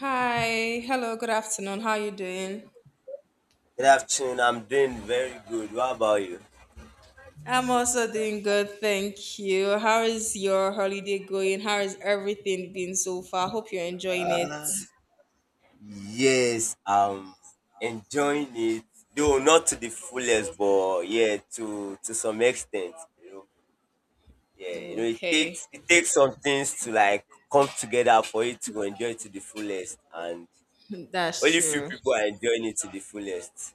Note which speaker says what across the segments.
Speaker 1: Hi, hello, good afternoon. How you doing?
Speaker 2: Good afternoon. I'm doing very good. What about you?
Speaker 1: I'm also doing good, thank you. How is your holiday going? How is everything been so far? Hope you're enjoying it.
Speaker 2: Yes, I'm enjoying it, though not to the fullest, but yeah, to some extent. You know, yeah, you know, it
Speaker 1: Okay,
Speaker 2: takes it takes some things to like come together for you to enjoy it to the fullest, and
Speaker 1: that's
Speaker 2: only few
Speaker 1: true.
Speaker 2: people are enjoying it to the fullest.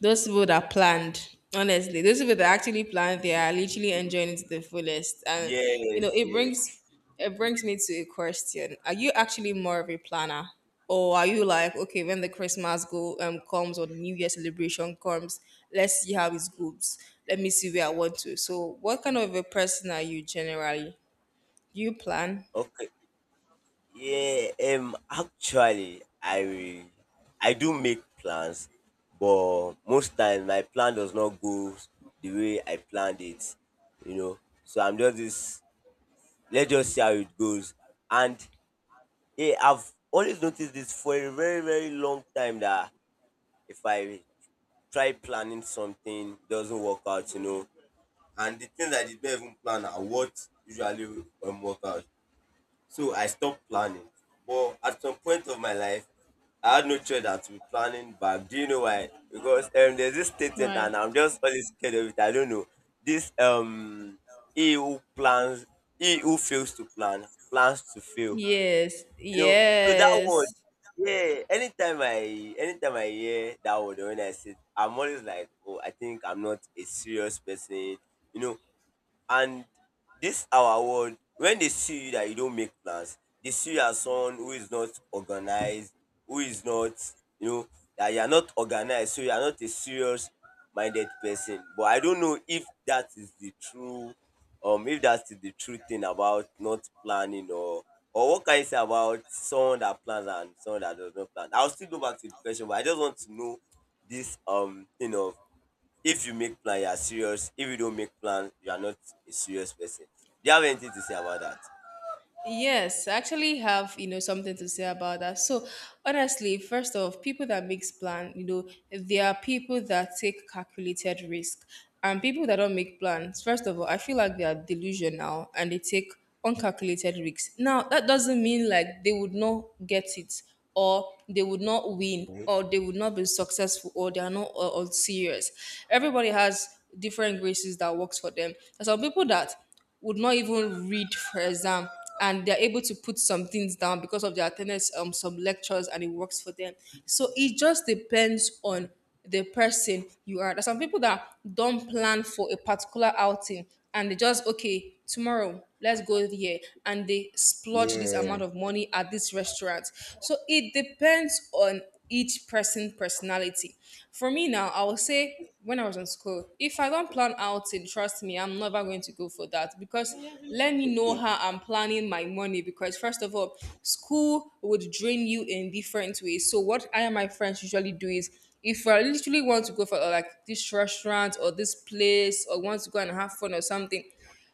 Speaker 1: Those people that planned, honestly, those people that actually planned, they are literally enjoying it to the fullest. And you
Speaker 2: Yes,
Speaker 1: know, it
Speaker 2: yes.
Speaker 1: brings it brings me to a question: Are you actually more of a planner, or are you like, okay, when the Christmas go comes or the New Year celebration comes, let's see how it goes. Let me see where I want to. So, what kind of a person are you generally? Do you plan?
Speaker 2: Okay. Yeah, actually, I do make plans, but most times my plan does not go the way I planned it, you know. So I'm just this. Let's just see how it goes. And yeah, I've always noticed this for a very long time that if I try planning something, it doesn't work out, you know. And the things I did not even plan are what usually work out. So I stopped planning. But at some point of my life, I had no choice than to be planning back. Do you know why? Because there's this statement,
Speaker 1: Right.
Speaker 2: and I'm just always scared of it. I don't know. This He who plans, he who fails to plan, plans to fail.
Speaker 1: Yes,
Speaker 2: You know, so that word,
Speaker 1: yes.
Speaker 2: yeah. Anytime I hear that word, or when I say, it, I'm always like, oh, I think I'm not a serious person. You know, and this our world, when they see you that you don't make plans, they see you as someone who is not organized, who is not, you know, that you are not organized, so you are not a serious minded person. But I don't know if that is the true thing about not planning, or what can you say about someone that plans and someone that does not plan? I'll still go back to the question, but I just want to know this thing of, if you make plan you are serious, if you don't make plan you are not a serious person. Do you have anything to say about that?
Speaker 1: Yes, I actually have something to say about that. So honestly, first off, people that makes plan they are people that take calculated risk. And people that don't make plans, first of all, I feel like they are delusional and they take uncalculated risks. Now, that doesn't mean like they would not get it, or they would not win,
Speaker 2: Mhm.
Speaker 1: or they would not be successful, or they are not all serious. Everybody has different graces that works for them. There's some people that would not even read for exam, and they're able to put some things down because of their attendance some lectures, and it works for them. So it just depends on the person you are. There's some people that don't plan for a particular outing, and they just, okay, tomorrow let's go here, and they splurge this amount
Speaker 2: Yeah.
Speaker 1: of money at this restaurant. So it depends on each person personality. For me now, I will say, when I was in school, if I don't plan outing, trust me, I'm never going to go for that, because let me know
Speaker 2: Okay.
Speaker 1: how I'm planning my money. Because first of all, school would drain you in different ways. So what I and my friends usually do is, if I literally want to go for like this restaurant or this place, or want to go and have fun or something,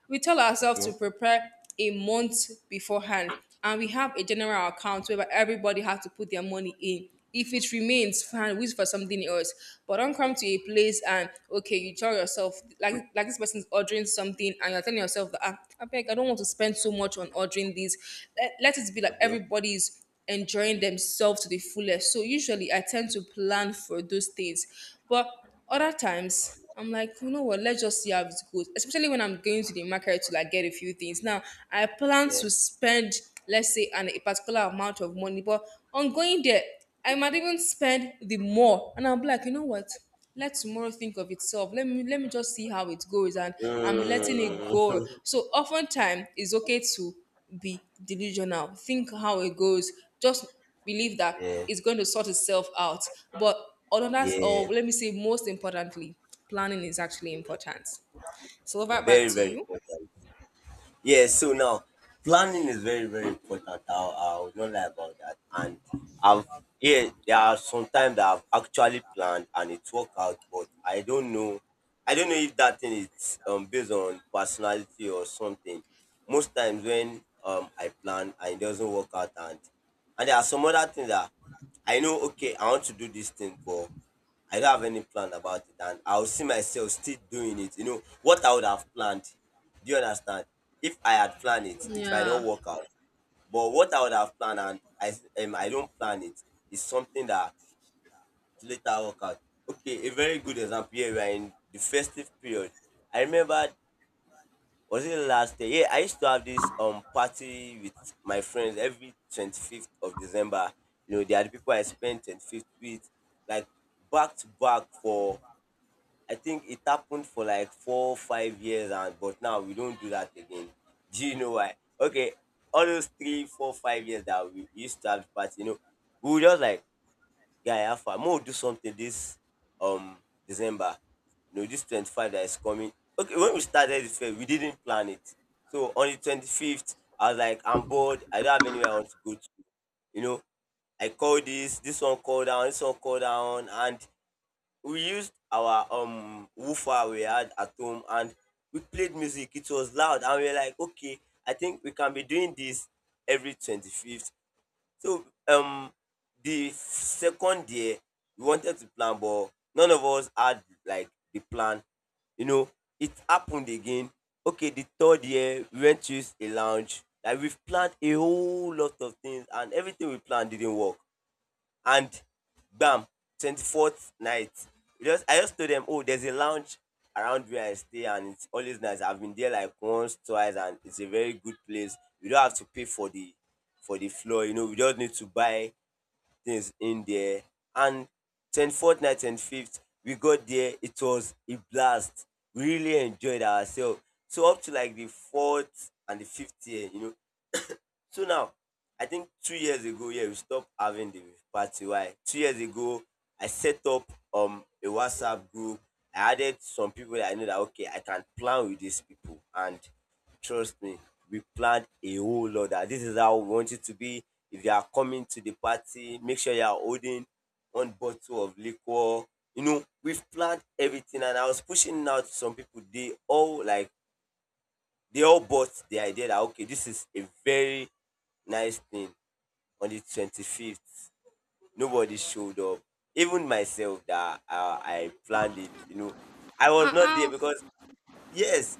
Speaker 1: we tell ourselves to
Speaker 2: Okay.
Speaker 1: prepare a month beforehand, and we have a general account where everybody has to put their money in. If it remains, fine, we use for something else. But don't come to a place and, okay, you tell yourself like this person's ordering something, and you're telling yourself that, ah, I beg, I don't want to spend so much on ordering this. Let it be like
Speaker 2: Mhm.
Speaker 1: everybody's enjoying themselves to the fullest. So usually I tend to plan for those things, but other times I'm like, you know what, let's just see how it goes. Especially when I'm going to the market to like get a few things. Now I plan
Speaker 2: Yeah.
Speaker 1: to spend, let's say, an a particular amount of money, but on going there, I might even spend the more. And I'm like, you know what? Let tomorrow think of itself. Let me just see how it goes. And I'm letting it
Speaker 2: mm.
Speaker 1: go. So oftentimes it's okay to be delusional. Think how it goes. Just believe that
Speaker 2: Yeah,
Speaker 1: it's going to sort itself out. But another,
Speaker 2: yeah,
Speaker 1: or let me say, most importantly, planning is actually important. So over back
Speaker 2: very,
Speaker 1: to
Speaker 2: very
Speaker 1: you.
Speaker 2: important. Yeah, so now planning is very, very important. I would not lie about that. And I've, yeah, there are some times that I've actually planned and it worked out, but I don't know. I don't know if that thing is based on personality or something. Most times when I plan and it doesn't work out, and there are some other things that I know okay, I want to do this thing, but I don't have any plan about it, and I'll see myself still doing it. You know what I would have planned. Do you understand? If I had planned it, it might not
Speaker 1: Yeah.
Speaker 2: work out. But what I would have planned, and I don't plan it, is something that later work out. Okay, a very good example here. We are in the festive period. I remember, was it last year? Yeah, I used to have this party with my friends every 25th of December. You know, they are the people I spent 25th with, like back to back for, I think it happened for like four, 5 years, and but now we don't do that again. Do you know why? Okay, all those three, four, 5 years that we used to have the party, you know, we were just like, guy, Alpha, more do something this um December. You know, this 25 that is coming. Okay, when we started this fair, we didn't plan it. So on the 25th, I was like, I'm bored. I don't have anywhere I want to go to. You know, I call this, this one call down, and we used our woofer we had at home and we played music. It was loud and we were like, okay, I think we can be doing this every 25th. So the second year we wanted to plan but none of us had like the plan. You know, it happened again. Okay, the third year we went to use a lounge. Like we've planned a whole lot of things and everything we planned didn't work. And bam, 24th night, we just, I just told them oh there's a lounge around where I stay and it's always nice, I've been there like once, twice, and it's a very good place. You don't have to pay for the floor, you know, we just need to buy things in there. And 24th night, 25th, we got there, it was a blast. We really enjoyed ourselves, so up to like the fourth and the fifth year, you know. So now, I think 2 years ago, yeah, we stopped having the party. Why? 2 years ago, I set up a WhatsApp group. I added some people that I know that okay, I can plan with these people, and trust me, we planned a whole lot. That this is how we want it to be. If you are coming to the party, make sure you are holding one bottle of liquor. You know, we've planned everything, and I was pushing out to some people. They all like, they all bought the idea that okay, this is a very nice thing. On the 25th, nobody showed up. Even myself, that I planned it. You know, I was not there
Speaker 1: Uh-uh.
Speaker 2: because yes,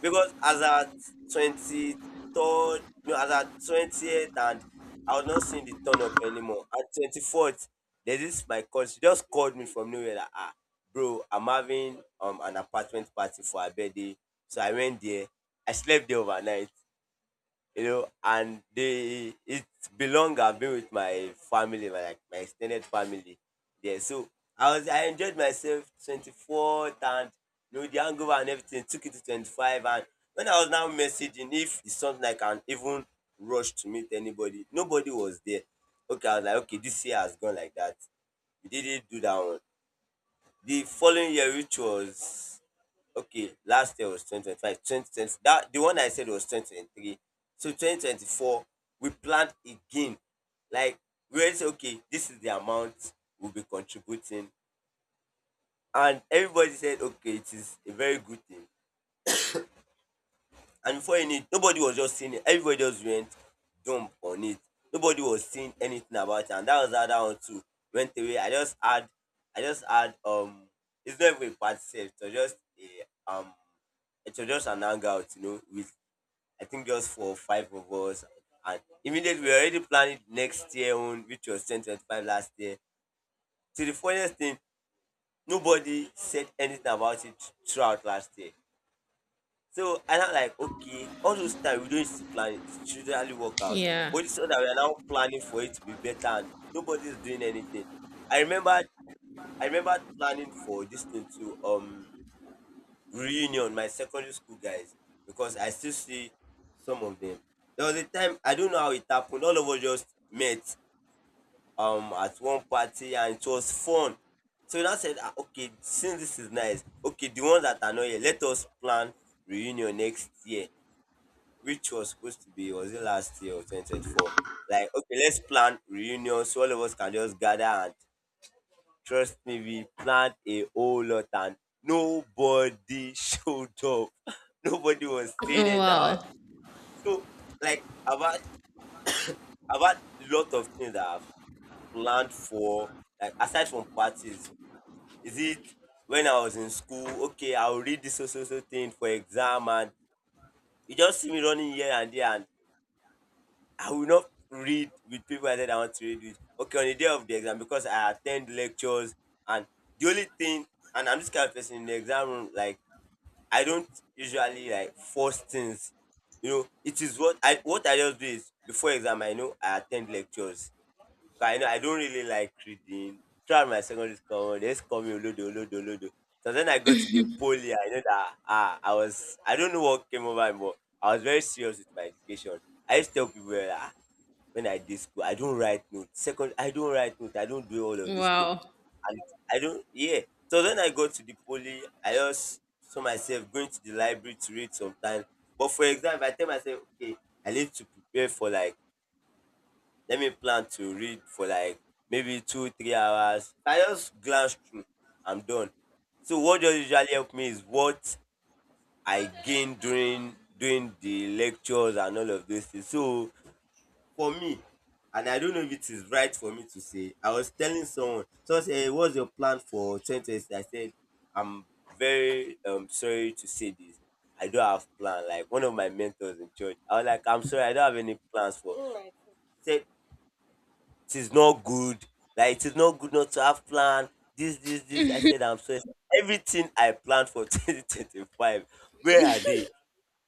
Speaker 2: because as at 23rd, no, as at 20th, and I was not seeing the turn up anymore. At 24th, there's this my cousin, she just called me from nowhere like ah bro, I'm having an apartment party for her birthday. So I went there, I slept there overnight, you know, and they it belong. I've been with my family, my like my extended family. Yeah, so I was, I enjoyed myself 24th, and you know the hangover and everything took it to 25, and when I was now messaging if it's something I can even rush to meet anybody, nobody was there. Okay, I was like, okay, this year has gone like that. We didn't do that one. The following year, which was, okay, last year was 2025. 2020, that the one I said was 2023. So 2024, we planned again. Like, we already said, okay, this is the amount we'll be contributing. And everybody said, okay, it is a very good thing. And before you knew it, nobody was just seeing it. Everybody just went dumb on it. Nobody was saying anything about it. And that was how that one too went away. I just had um, it's not even a party sef, it was just a it was just an hangout, you know, with I think just for five of us. And immediately we were already planning next year own, which was 2025 last year. So the funniest thing, nobody said anything about it throughout last year. So I'm like, okay, all those time we don't used to plan it, it should really work out.
Speaker 1: Yeah.
Speaker 2: But it's so that we are now planning for it to be better and nobody is doing anything. I remember I remember planning for this thing to reunion, my secondary school guys, because I still see some of them. There was a time I don't know how it happened. All of us just met at one party and it was fun. So I said, "Ah, okay, since this is nice, okay, the ones that are not here, let us plan reunion next year, which was supposed to be, was it last year or 2024? Like, okay, let's plan reunion so all of us can just gather and, trust me, we planned a whole lot and nobody showed up. Nobody was seen in
Speaker 1: Wow.
Speaker 2: our, so like about lot of things that I've planned for, like aside from parties, is it when I was in school, okay, I'll read this so so so thing for exam and you just see me running here and there, and I will not read with people I said I want to read with. Okay, on the day of the exam, because I attend lectures and the only thing, and I'm this kind of person in the exam room, like I don't usually like force things. You know, it is what I just do is, before exam I know I attend lectures. 'Cause I know I don't really like reading. Throughout my secondary school, they just call me Olodo, Olodo, Olodo. So then I got to the poly, I know that ah, I was, I don't know what came over me, but I was very serious with my education. I used to tell people that ah, when I did school, I don't write notes. Second, I don't write notes. I don't do all of this thing.
Speaker 1: Wow.
Speaker 2: And I don't, yeah. So when I got to the poly, I just saw myself going to the library to read sometimes. But for example, I tell myself, okay, I need to prepare for like, let me plan to read for like maybe two, 3 hours. I just glance through. I'm done. So what does usually help me is what I gain during the lectures and all of those things. So for me, and I don't know if it is right for me to say, I was telling someone. Someone said, "Hey, what's your plan for 2020?" I said, I'm very sorry to say this. I don't have plan. Like one of my mentors in church, I was like, I'm sorry, I don't have any plans for Oh said it is not good. Like it is not good not to have plan. This, this, this. I said I'm sorry. Everything I planned for 2025, where are they?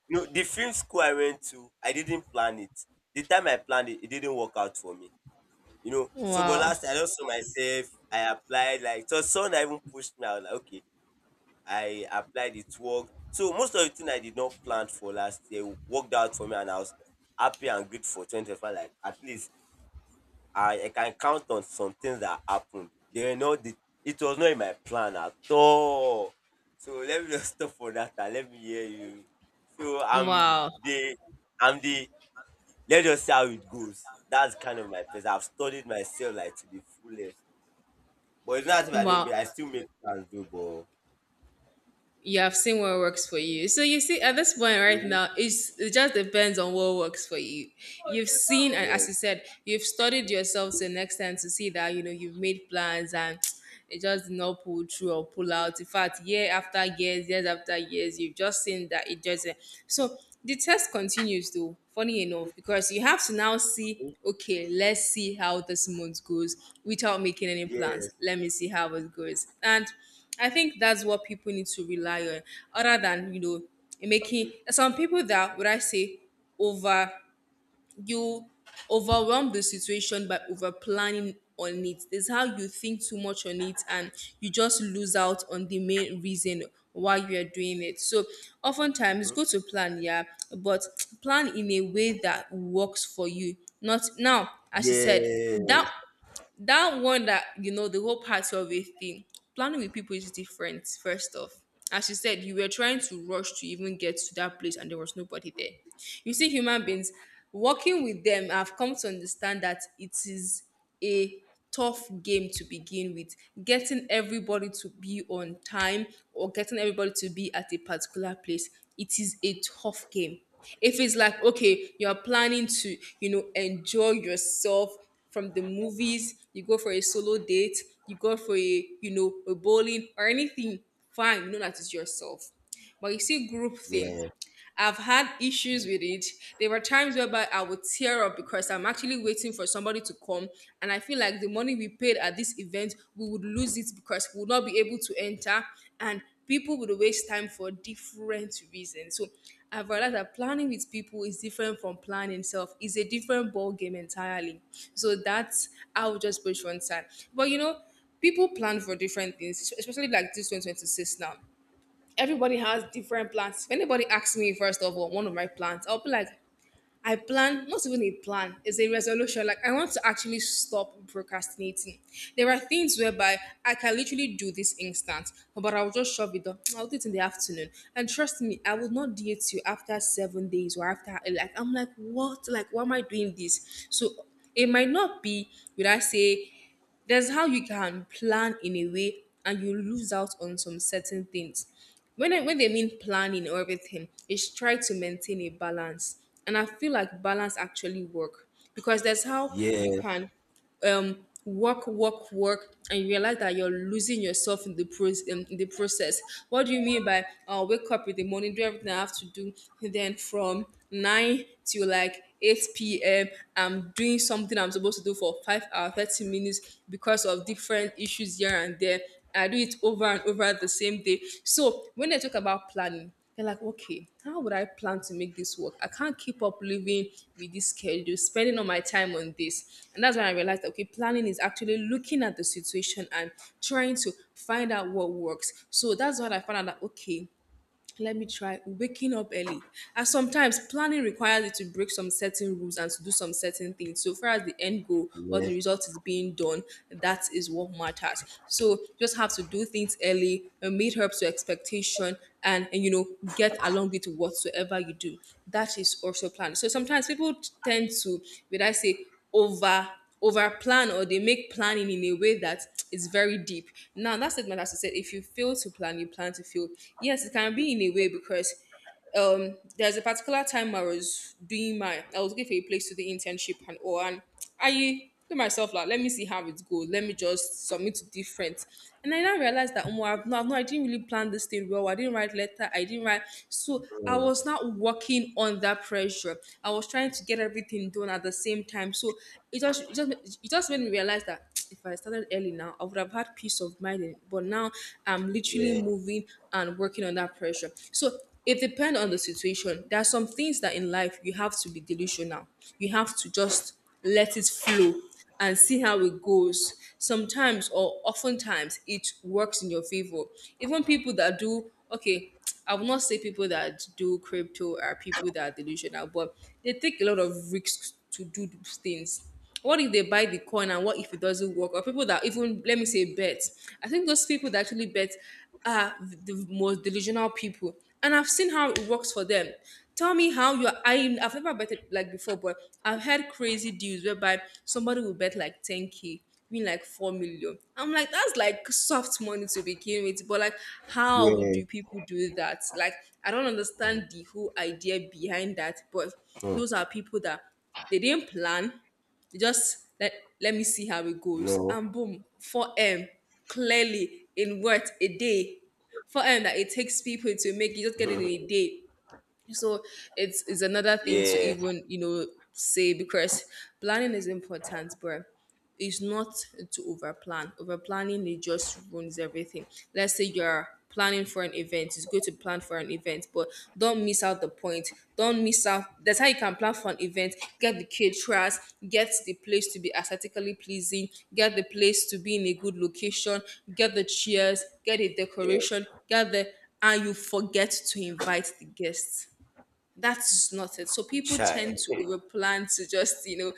Speaker 2: No, the film school I went to, I didn't plan it. The time I planned it, it didn't work out for me. So but
Speaker 1: Wow.
Speaker 2: last I just saw myself, I applied like so someone even pushed me. I was like, okay, I applied, it worked. So most of the thing I did not plan for last year worked out for me and I was happy and grateful for 2025. Like at least I can count on some things that happened. They know not the, it was not in my plan at all. So let me just stop for that and let me hear you. So
Speaker 1: Wow.
Speaker 2: I'm the let's just see how it goes. That's kind of my place. I've studied myself like to the fullest. But it's not that I don't
Speaker 1: Wow.
Speaker 2: make, I still make plans though, but
Speaker 1: You have seen what works for you. So you see, at this point right
Speaker 2: Mhm.
Speaker 1: now, it just depends on what works for you. You've seen, and
Speaker 2: Yes,
Speaker 1: as you said, you've studied yourself to an extent to see that you've made plans and it just did not pull through or pull out. In fact, year after years, years after years, you've just seen that it doesn't. So the test continues though. Funny enough, because you have to now see. Okay, let's see how this month goes without making any plans.
Speaker 2: yes,
Speaker 1: Let me see how it goes, and I think that's what people need to rely on, other than, you know, making some people that would I say over you overwhelm the situation by over planning on it. It's how you think too much on it, and you just lose out on the main reason why you are doing it. So oftentimes go to plan, yeah, but plan in a way that works for you. Not now, as you said, that
Speaker 2: yes,
Speaker 1: that one that, you know, the whole party of a thing, planning with people is different. First off, as you said, you were trying to rush to even get to that place, and there was nobody there. You see, human beings, working with them, I've come to understand that it is a tough game to begin with. Getting everybody to be on time, or getting everybody to be at a particular place, it is a tough game. If it's like, okay, you're planning to enjoy yourself from the movies, you go for a solo date, you go for a bowling or anything, fine, you know that it's yourself. But you see, group thing.
Speaker 2: yes,
Speaker 1: I've had issues with it. There were times whereby I would tear up because I'm actually waiting for somebody to come, and I feel like the money we paid at this event, we would lose it because we would not be able to enter, and people would waste time for different reasons. So I've realized that planning with people is different from planning itself. It's a different ball game entirely. So that's, I would just push one side. But people plan for different things, especially like this 2026 now everybody has different plans. If anybody asks me, first of all, one of my plans, I'll be like, I plan, not even a plan, it's a resolution. Like, I want to actually stop procrastinating. There are things whereby I can literally do this instant, but I'll just shove it up. I'll do it in the afternoon. And trust me, I will not do it till after 7 days or after, like, I'm like, what? Like, why am I doing this? So, it might not be, would I say, there's how you can plan in a way and you lose out on some certain things. When they mean planning or everything, it's try to maintain a balance. And I feel like balance actually work, because there's how
Speaker 2: yes,
Speaker 1: you can work work work and you realize that you're losing yourself in in the process. What do you mean by I'll wake up in the morning, do everything I have to do, and then from nine to like 8 p.m. I'm doing something I'm supposed to do for 5 hours, 30 minutes because of different issues here and there. I do it over and over the same day. So when I talk about planning, they're like, okay, how would I plan to make this work? I can't keep up living with this schedule, spending all my time on this. And that's when I realized, that, okay, planning is actually looking at the situation and trying to find out what works. So that's what I found out, that, okay, let me try waking up early. And sometimes planning requires you to break some certain rules and to do some certain things. So far as the end goal or the
Speaker 2: yes,
Speaker 1: result is being done, that is what matters. So just have to do things early, meet up to expectation, and get along with whatsoever you do. That is also planning. So sometimes people tend to, would I say, over over plan, or they make planning in a way that is very deep. Now, that statement, as I said, if you fail to plan, you plan to fail. Yes, it can be in a way because there's a particular time I was doing my I was looking for a place to do internship and all, and I E to myself like let me see how it goes, let me just submit to different, and I now realized that, oh, I didn't really plan this thing well. I didn't write letter, I didn't write, so I
Speaker 2: mm,
Speaker 1: was not working on that pressure. I was trying to get everything done at the same time, so it just made me realize that if I started early now I would have had peace of mind but now I'm literally
Speaker 2: yes,
Speaker 1: moving and working on that pressure. So it depends on the situation. There are some things that in life you have to be delusional. You have to just let it flow and see how it goes. Sometimes or oftentimes it works in your favor. Even people that do, okay, I will not say people that do crypto are people that are delusional, but they take a lot of risks to do those things. What if they buy the coin? And what if it doesn't work? Or people that, even let me say, bet. I think those people that actually bet are the most delusional people, and I've seen how it works for them. Tell me how you're i i've never betted like before, but I've had crazy deals whereby somebody will bet like 10K, win like 4 million. I'm like, that's like soft money to begin with, but like, how do
Speaker 2: yes,
Speaker 1: people do that? Like, I don't understand the whole idea behind that. But
Speaker 2: mm,
Speaker 1: those are people that they didn't plan. They just let me see how it goes.
Speaker 2: no,
Speaker 1: And boom, 4M clearly in, what, a day. 4M that it takes people to make, you just get it in a day. So it's another thing to
Speaker 2: yeah.
Speaker 1: even, say. Because planning is important, but it's not to over plan. Over planning, it just ruins everything. Let's say you're planning for an event, it's good to plan for an event, but don't miss out the point. Don't miss out. That's how you can plan for an event: get the caterers, get the place to be aesthetically pleasing, get the place to be in a good location, get the chairs, get the
Speaker 2: Yeah,
Speaker 1: decoration, get the and you forget to invite the guests. That's just not it. So people
Speaker 2: chai.
Speaker 1: tend to overplan to just, you know,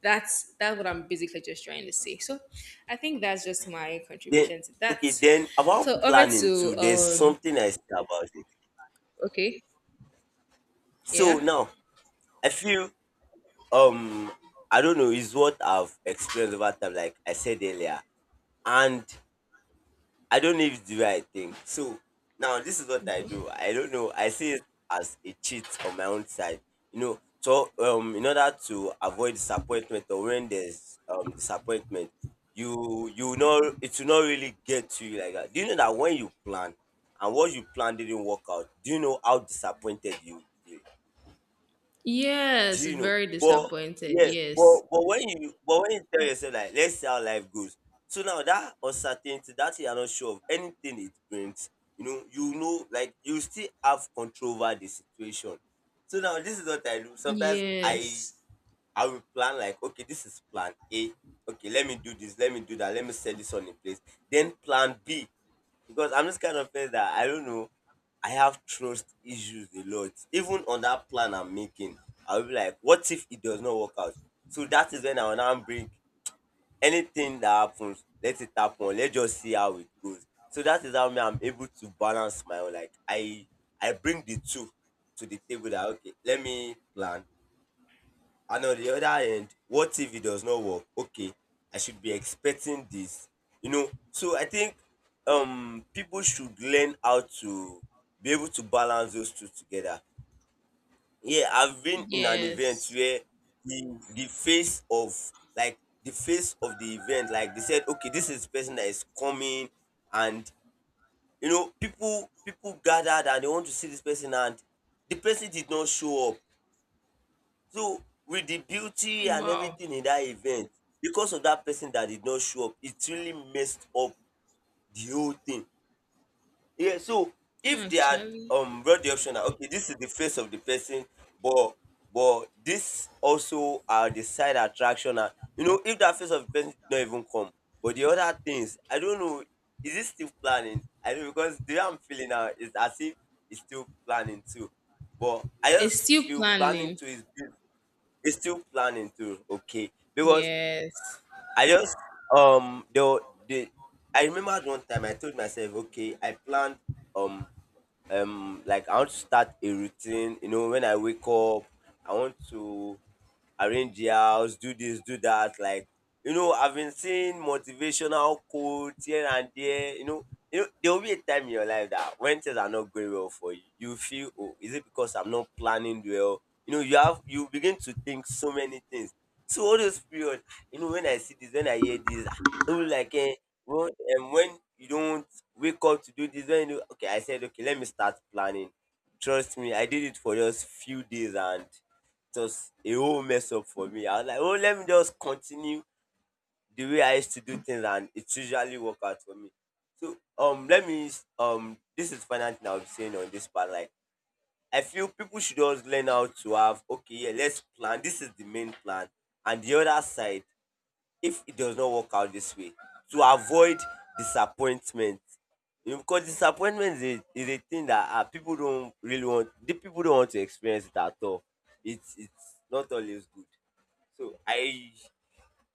Speaker 1: that's what I'm basically just trying to say. So I think that's just my
Speaker 2: Then
Speaker 1: contribution to that.
Speaker 2: okay, then about
Speaker 1: So over
Speaker 2: planning
Speaker 1: to
Speaker 2: too, there's something I said about it.
Speaker 1: okay.
Speaker 2: So
Speaker 1: Yeah.
Speaker 2: now I feel um I don't know, is what I've experienced over time, like I said earlier. And I don't know if it's the way I think. So now this is what I
Speaker 1: Okay.
Speaker 2: do. I don't know. I see it as a cheat on my own side. In order to avoid disappointment or when there's disappointment, you know it will not really get to you like that. Do you know that when you plan and what you plan didn't work out, do you know how disappointed you do
Speaker 1: Yes,
Speaker 2: you know?
Speaker 1: very
Speaker 2: But
Speaker 1: disappointed.
Speaker 2: yeah,
Speaker 1: Yes.
Speaker 2: but when you tell yourself like let's see how life goes. So now that uncertainty, that you're not sure of anything it brings, like you still have control over the situation. So now this is what I do. Sometimes I
Speaker 1: Yes.
Speaker 2: I will plan like, okay, this is plan A. Okay, let me do this, let me do that, let me set this on in place. Then plan B, because I'm just kind of person that I don't know. I have trust issues a lot. Even on that plan I'm making, I'll be like, what if it does not work out? So that is when I will now bring anything that happens, let it happen. Let's just see how it goes. So that is how me I'm able to balance my own. Like I bring the two to the table that okay, let me plan, and on the other end, what if it does not work? Okay, I should be expecting this. So I think people should learn how to be able to balance those two together. Yeah, I've been in an event
Speaker 1: Yes.
Speaker 2: where the face of the event, like, they said okay, this is the person that is coming, and people gathered and they want to see this person, and the person did not show up. So with the beauty and
Speaker 1: Wow.
Speaker 2: everything in that event, because of that person that did not show up, it really messed up the whole thing. Yeah, so if they had
Speaker 1: Actually.
Speaker 2: brought the option that okay, this is the face of the person, but this also are the side attraction. And, if that face of the person did not even come, but the other things, I don't know, is it still planning? I know, because the way I'm feeling now is as if it's still planning too. But I
Speaker 1: It's
Speaker 2: just
Speaker 1: still
Speaker 2: feel planning
Speaker 1: planning.
Speaker 2: too is. It's still planning to Okay, because
Speaker 1: Yes.
Speaker 2: I just, um the the I remembered one time I told myself, okay, I planned um like I want to start a routine. When I wake up, I want to arrange the house, do this, do that. Like, I've been seeing motivational quotes here and there. There will be a time in your life that when things are not going well for you, you feel, oh, is it because I'm not planning well? You know, you have you begin to think so many things. So all those period, when I see this, when I hear this, it was like, eh, well, and when you don't wake up to do this, when you do, okay, I said, okay, let me start planning. Trust me, I did it for just few days and just a whole mess up for me. I was like, oh, let me just continue the way I used to do things, and it usually work out for me. So, let me this is final thing I'll be saying on this part. Like, I feel people should just learn how to have okay, yeah, let's plan. This is the main plan, and the other side, if it does not work out this way, to avoid disappointment. Because disappointment is a, thing that people don't really want the people don't want to experience it at all. It's not always good. so i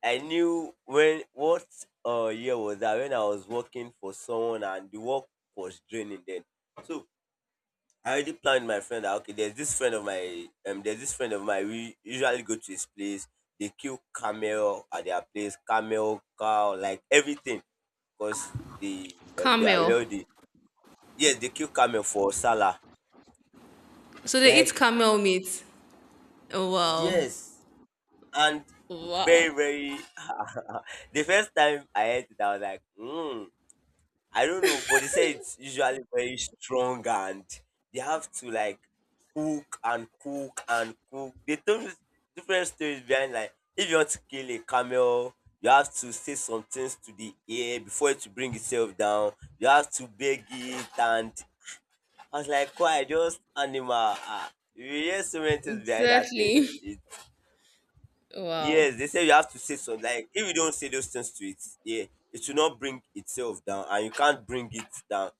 Speaker 2: i knew when what year was that, when I was working for someone and the work was draining then. So I already planned my friend that okay, there's this friend of my there's this friend of mine. We usually go to his place. They kill camel at their place, camel, cow, like everything, because they they are
Speaker 1: Camel.
Speaker 2: wealthy. Yes, they kill camel for Salah.
Speaker 1: So they eat
Speaker 2: Like
Speaker 1: camel meat. Oh, wow.
Speaker 2: yes, and very
Speaker 1: Wow.
Speaker 2: very. The first time I heard it, I was like, hmm. I don't know, but they say it's usually very strong and they have to like cook and cook and cook. They tell me different stories behind, like, if you want to kill a camel, you have to say some things to the air before it to bring itself down. You have to beg it. And I was like, why just animal? Ah, you hear so many things behind that thing.
Speaker 1: Exactly.
Speaker 2: It,
Speaker 1: Wow.
Speaker 2: yes, they say you have to say something. Like if you don't say those things to it, yeah, it will not bring itself down and you can't bring it down,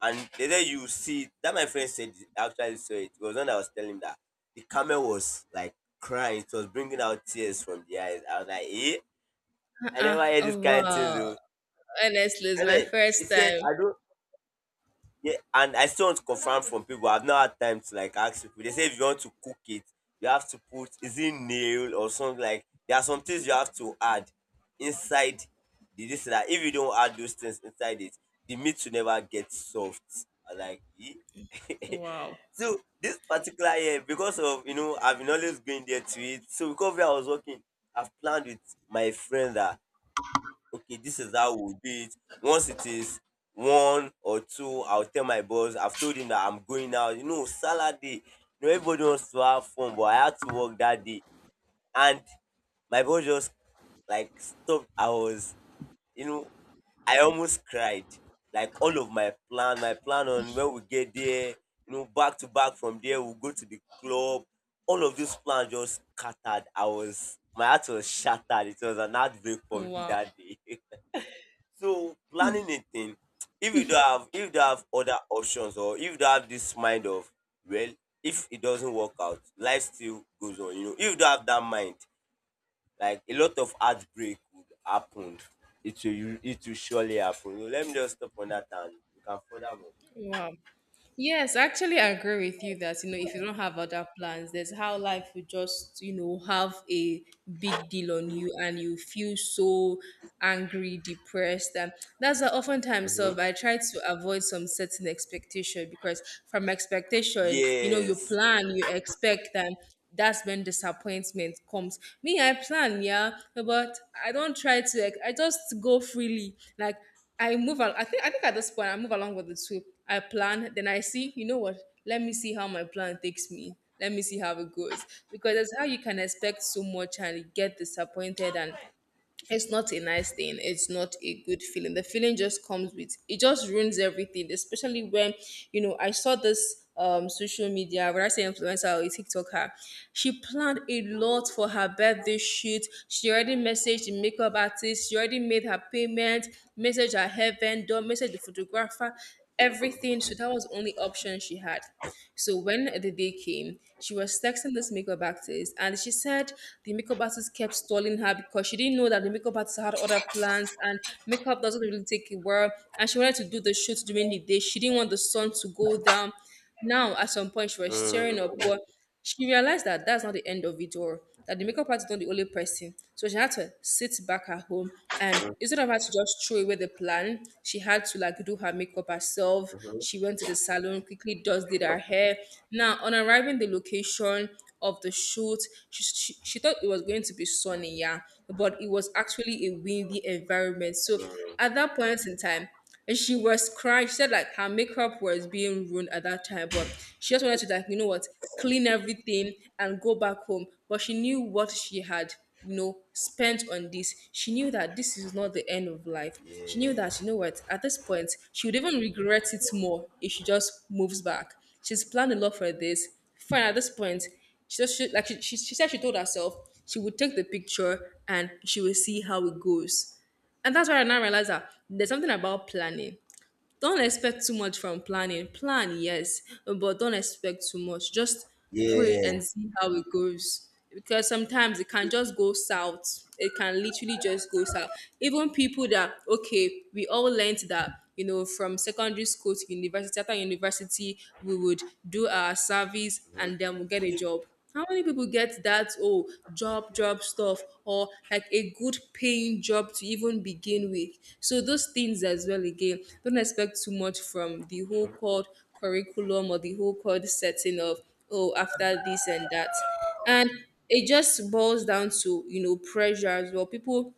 Speaker 2: and later you see it. That my friend said he actually saw it. It was when I was telling him that the camel was like crying. It was bringing out tears from the eyes. I was like, eh? I never heard
Speaker 1: Uh-uh.
Speaker 2: this kind of thing
Speaker 1: Wow.
Speaker 2: though.
Speaker 1: Honestly, it's
Speaker 2: And
Speaker 1: my
Speaker 2: then he
Speaker 1: first
Speaker 2: said,
Speaker 1: time.
Speaker 2: I don't, yeah, and I still want to confirm from people. I've not had time to like ask people. They say if you want to cook it, you have to put, is it nail or something, like there are some things you have to add inside the this, that if you don't add those things inside it, the meat will never get soft. I like "Eh?"
Speaker 1: Wow.
Speaker 2: So this particular year, because of, I've been always going there to eat. So because where I was working, I've planned with my friend that okay, this is how we'll do it. Once it is one or two, I'll tell my boss. I've told him that I'm going out. You know, Saturday. Everybody wants to have fun, but I had to work that day. And my boss just like stopped. I was, you know, I almost cried. Like all of my plan on when we get there, back to back from there, we'll go to the club. All of those plans just scattered. My heart was shattered. It was an heartbreak for me
Speaker 1: Wow.
Speaker 2: that day. So planning a thing, if you don't have other options, or if you don't have this mind of, well, if it doesn't work out, life still goes on. If you don't have that mind, like a lot of heartbreak would happen. It will surely happen. So let me just stop on that and you can further more.
Speaker 1: Wow. Yes, actually, I agree with you that, if you don't have other plans, there's how life will just, have a big deal on you, and you feel so angry, depressed, and that's why oftentimes of
Speaker 2: Mhm.
Speaker 1: I try to avoid some certain expectation. Because from expectation, you
Speaker 2: Yes.
Speaker 1: plan, you expect, and that's when disappointment comes. Me, I plan, yeah, but I don't try to. I just go freely, like. I move on. I think at this point I move along with the two. I plan, then I see. You know what? Let me see how my plan takes me. Let me see how it goes, because that's how you can expect so much and get disappointed. And it's not a nice thing, it's not a good feeling. The feeling just comes with it just ruins everything, especially when, you know, I saw this social media, when I say influencer or a tiktoker. She planned a lot for her birthday shoot. She already messaged the makeup artist, she already made her payment, messaged her hair vendor, messaged the photographer, everything. So that was the only option she had. So when the day came, she was texting this makeup artist, and she said the makeup artist kept stalling her, because she didn't know that the makeup artist had other plans, and makeup doesn't really take a while. And she wanted to do the shoot during the day. She didn't want the sun to go down. Now, at some point, she was tearing up,
Speaker 2: Mm,
Speaker 1: but she realized that that's not the end of it, or that the makeup artist is not the only person. So she had to sit back at home, and instead of her to just throw away the plan, she had to, like, do her makeup herself. She went to the salon, quickly just did her hair. Now, on arriving the location of the shoot, she thought it was going to be sunny, yeah, but it was actually a windy environment. So
Speaker 2: mm.
Speaker 1: at that point in time, and she was crying. She said, like, her makeup was being ruined at that time, but she just wanted to, like, you know what, clean everything and go back home. But she knew what she had, spent on this. She knew that this is not the end of life. She knew
Speaker 2: Yeah.
Speaker 1: that, you know what, at this point she would even regret it more if she just moves back. She's planned a lot for this. Fine, at this point, like she said, she told herself she would take the picture and she will see how it goes. And that's why I now realize that there's something about planning. Don't expect too much from planning. Plan, yes, but don't expect too much. Just pray and
Speaker 2: Yeah.
Speaker 1: see how it goes. Because sometimes it can just go south. It can literally just go south. Even people that, okay, we all learned that, from secondary school to university, after university, we would do our service and then we'll get a job. How many people get that, oh, job job stuff, or like a good paying job to even begin with? So those things as well again. Don't expect too much from the whole called curriculum or the whole called setting of, oh, after this and that. And it just boils down to, pressure as well. People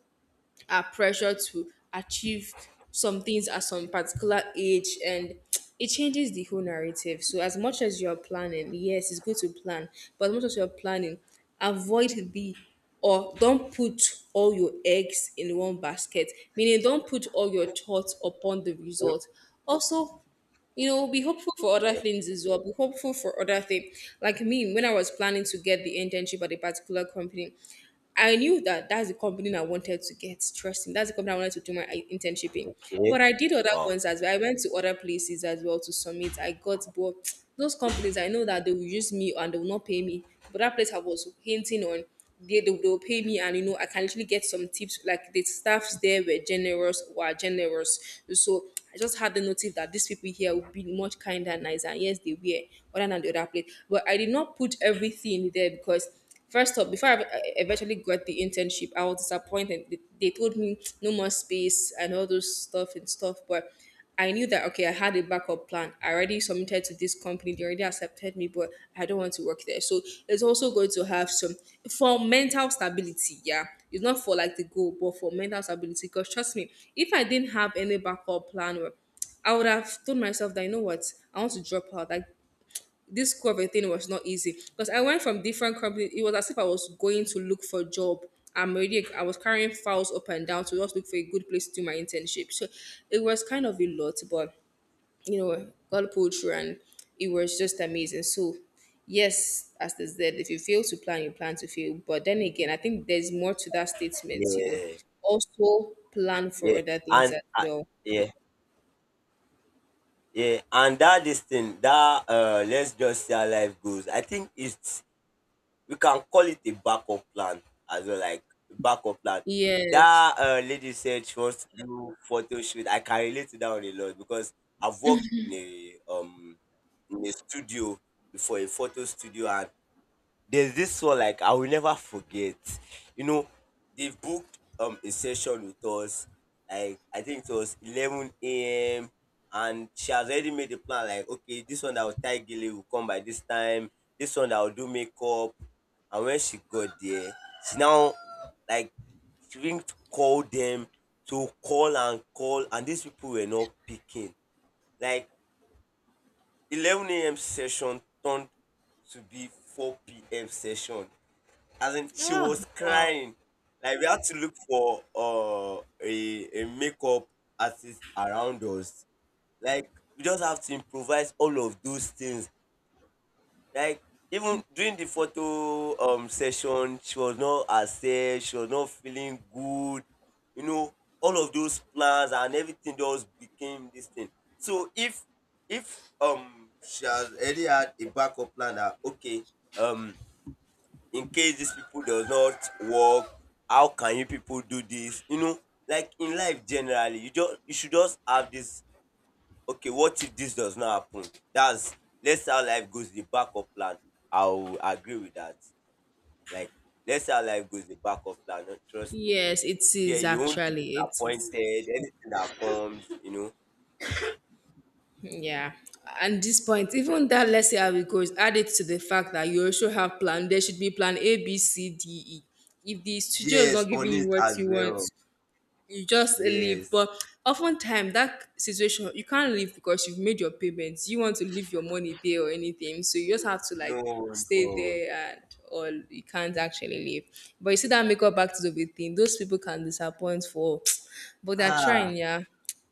Speaker 1: are pressured to achieve some things at some particular age, and it changes the whole narrative. So as much as you're planning, yes, it's good to plan, but as much as you're planning, avoid the or don't put all your eggs in one basket, meaning don't put all your thoughts upon the result. Also, be hopeful for other
Speaker 2: Yeah.
Speaker 1: things as well. Be hopeful for other things. Like me, when I was planning to get the internship at a particular company, I knew that that's the company I wanted to get. Trust me, that's the company I wanted to do my internship in.
Speaker 2: Okay.
Speaker 1: But I did other
Speaker 2: Wow.
Speaker 1: ones as well. I went to other places as well to submit. I got, but those companies, I know that they will use me and they will not pay me. But that place I was hinting on, they will pay me, and I can actually get some tips. Like, the staffs there were generous, were generous. So I just had the notice that these people here would be much kinder and nicer. And yes, they were, other than the other place. But I did not put everything there, because first up, before I eventually got the internship, I was disappointed. They told me no more space and all those stuff and stuff, but I knew that, okay, I had a backup plan. I already submitted to this company; they already accepted me, but I don't want to work there. So it's also going to have some for mental stability. Yeah, it's not for like the goal, but for mental stability. Because trust me, if I didn't have any backup plan, or I would have told myself that, you know what, I want to drop out. Like, this COVID thing was not easy, because I went from different companies. It was as if I was going to look for a job. I was carrying files up and down to just look for a good place to do my internship. So it was kind of a lot, but God pulled through and it was just amazing. So, yes, as they said, if you fail to plan, you plan to fail. But then again, I think there's more to that statement,
Speaker 2: Yeah.
Speaker 1: also plan for
Speaker 2: Yeah.
Speaker 1: other things
Speaker 2: And
Speaker 1: as well.
Speaker 2: yeah. Yeah, and that this thing, that let's just see how life goes. I think it's we can call it a backup plan as well, like backup plan.
Speaker 1: Yes,
Speaker 2: That lady said she wants to do photo shoot. I can relate to that one a lot because I've worked in a studio before a photo studio, and there's this one like I will never forget. You know, they booked a session with us. Like I think it was 11 a.m. and she has already made the plan. Like okay, this one that will tie gele will come by this time. This one that will do makeup. And when she got there, she now like she went to call them to call and call, and these people were not picking. Like 11 a.m. session turned to be four p.m. session as in she was crying. Like we had to look for a makeup artist around us. Like we just have to improvise all of those things. Like even during the photo session, she was not herself. She was not feeling good. You know, all of those plans and everything just became this thing. So if she has already had a backup plan that okay um in case these people does not work, how can you people do this, you know? Like in life generally you just you should just have this okay what if this does not happen, that's let's how life goes, the backup plan. I'll agree with that. Like let's how life goes, the backup plan. No, trust me,
Speaker 1: yes, it
Speaker 2: there
Speaker 1: is
Speaker 2: you won't be
Speaker 1: actually. It is.
Speaker 2: disappointed anything that comes, you know.
Speaker 1: Yeah. And this point, even that, let's see how it goes, add it to the fact that you also have plan. There should be plan A, B, C, D, E. If the studio is not
Speaker 2: Yes on
Speaker 1: giving you
Speaker 2: it
Speaker 1: what
Speaker 2: as
Speaker 1: you want,
Speaker 2: well.
Speaker 1: you just leave. But
Speaker 2: Yes.
Speaker 1: oftentimes, that situation, you can't leave because you've made your payments. You want to leave your money there or anything. So you just have to,
Speaker 2: no
Speaker 1: like, stay
Speaker 2: no
Speaker 1: there and, or you can't actually leave. But you see, that makeup artist of a thing, those people can disappoint for, but they're
Speaker 2: Ah,
Speaker 1: trying, yeah.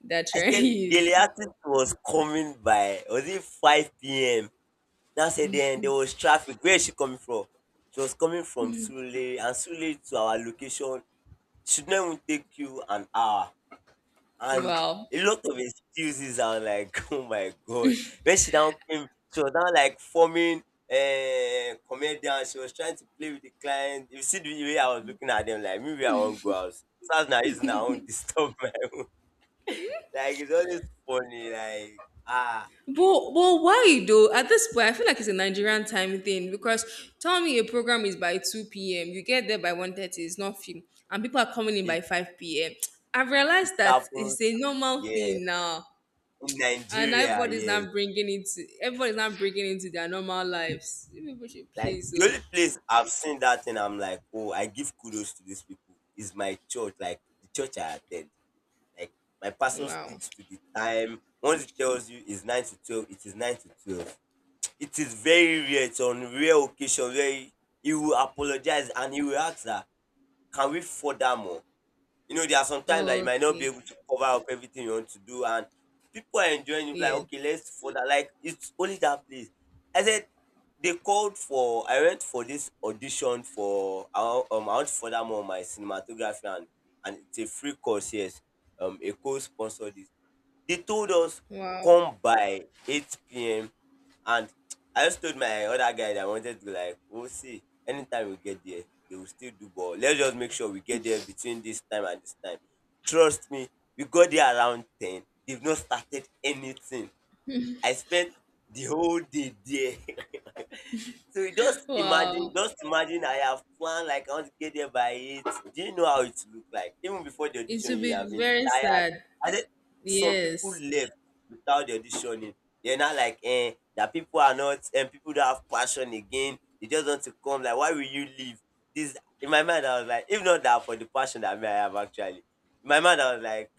Speaker 1: They're
Speaker 2: I said
Speaker 1: trying.
Speaker 2: Goliath was coming by. Was it 5 p.m.? Now said then there was traffic. Where is she coming from? She was coming from Sule and Sule to our location should not even take you an hour. And
Speaker 1: Wow.
Speaker 2: a lot of excuses are like, oh my god. When she now came, she was now like forming a comedian. She was trying to play with the client. You see the way I was looking at them, like maybe I won't go out. So now using her own disturb my like it's always funny, like ah,
Speaker 1: But but why though? At this point, I feel like it's a Nigerian time thing, because tell me a program is by 2 p.m. You get there by 1:30. It's not film, and people are coming in by
Speaker 2: it
Speaker 1: 5 p.m. I've
Speaker 2: it
Speaker 1: realized that
Speaker 2: happens,
Speaker 1: it's a normal
Speaker 2: yeah.
Speaker 1: thing now,
Speaker 2: In
Speaker 1: and
Speaker 2: Nigeria,
Speaker 1: everybody's
Speaker 2: yes.
Speaker 1: not bringing it. To, everybody's not bringing into their normal lives. You. People should
Speaker 2: Like
Speaker 1: please.
Speaker 2: the
Speaker 1: Oh,
Speaker 2: only place I've seen that thing, I'm like, oh, I give kudos to these people is my church, like the church I attend. Like my pastor
Speaker 1: wow.
Speaker 2: sticks to the time. Once he tells you it's 9 to 12, it is 9 to 12. It is very rare. It's on rare occasion where he will apologize and he will ask that, can we further more? You know, there are some times that you might not be
Speaker 1: Okay.
Speaker 2: able to cover up everything you want to do, and people are enjoying it. Like,
Speaker 1: Yeah.
Speaker 2: okay, let's further. Like, it's only that place. I said they called for. I went for this audition for. I want to further more my cinematography, and it's a free course. Yes, Eco sponsored it. They told us
Speaker 1: Wow.
Speaker 2: come by 8 p.m. And I just told my other guy that I wanted to like, we'll see. Anytime we get there, they will still do ball. Let's just make sure we get there between this time and this time. Trust me, we got there around 10. They've not started anything. I spent the whole day there. So you
Speaker 1: Wow.
Speaker 2: just imagine I have planned like I want to get there by eight. Do you know how it look like? Even before the
Speaker 1: It
Speaker 2: audition,
Speaker 1: should
Speaker 2: you have
Speaker 1: be
Speaker 2: been
Speaker 1: very
Speaker 2: tired.
Speaker 1: sad.
Speaker 2: And then some people
Speaker 1: Yes.
Speaker 2: left without the auditioning. They're not like eh, that people are not and people don't have passion again. They just want to come. Like, why will you leave? This in my mind, I was like, if not that for the passion that me I have actually. In my mind, I was like,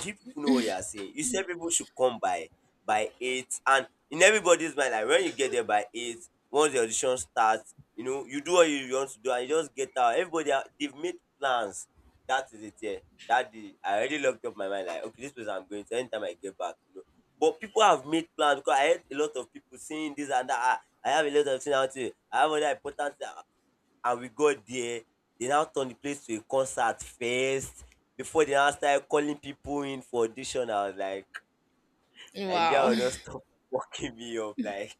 Speaker 2: do you people know what you are saying? You said people should come by eight and in everybody's mind like when you get there by eight once the audition starts you know you do what you want to do and you just get out everybody ha- they've made plans, that is it, yeah. That day I already locked up my mind like okay this place I'm going to anytime I get back, you know, but people have made plans because I heard a lot of people saying this and that I have a lot of things out here I have other important thing and we got there they now turn the place to a concert fest before they now started calling people in for audition I was like Nigeria
Speaker 1: Wow.
Speaker 2: will not stop fucking me up. Like,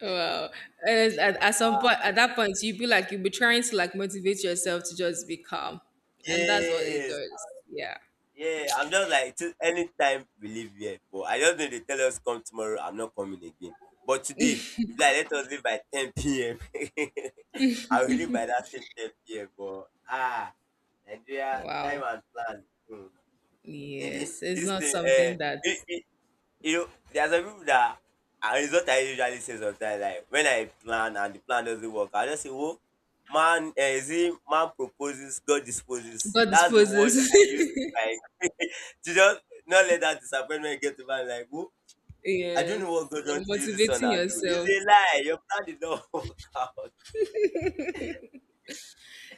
Speaker 1: Wow. And at, some
Speaker 2: ah,
Speaker 1: point, at that point, you'd be like, you'd be trying to, like, motivate yourself to just be calm. And that's what it
Speaker 2: yes,
Speaker 1: does. Yeah.
Speaker 2: yeah. I'm just like, till anytime we leave here. But I just know they tell us come tomorrow. I'm not coming again. But today, if like let us leave by 10 p.m. I will leave by that same 10 p.m. But ah, Nigeria, time
Speaker 1: Wow.
Speaker 2: and plan. Hmm.
Speaker 1: Yes. It's
Speaker 2: This
Speaker 1: not
Speaker 2: thing,
Speaker 1: something that
Speaker 2: uh, you know, there some people that and it's what I usually say sometimes. Like when I plan and the plan doesn't work, I just say, "Oh, man, eh, is it man proposes, God disposes."
Speaker 1: God
Speaker 2: That's the word
Speaker 1: disposes.
Speaker 2: I use to like to just not let that disappointment get to me. Like, oh, I don't
Speaker 1: Yes.
Speaker 2: know what God
Speaker 1: You're
Speaker 2: wants to use this one.
Speaker 1: motivating
Speaker 2: I'll do. It's
Speaker 1: yourself.
Speaker 2: a lie. Your plan did not work out.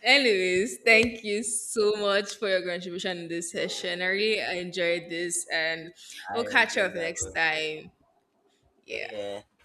Speaker 1: Anyways, thank you so much for your contribution in this session.
Speaker 2: Yeah,
Speaker 1: I really enjoyed this, and we'll
Speaker 2: I
Speaker 1: catch
Speaker 2: enjoy
Speaker 1: up
Speaker 2: that
Speaker 1: next
Speaker 2: one.
Speaker 1: time.
Speaker 2: Yeah,
Speaker 1: Yeah.
Speaker 2: yeah.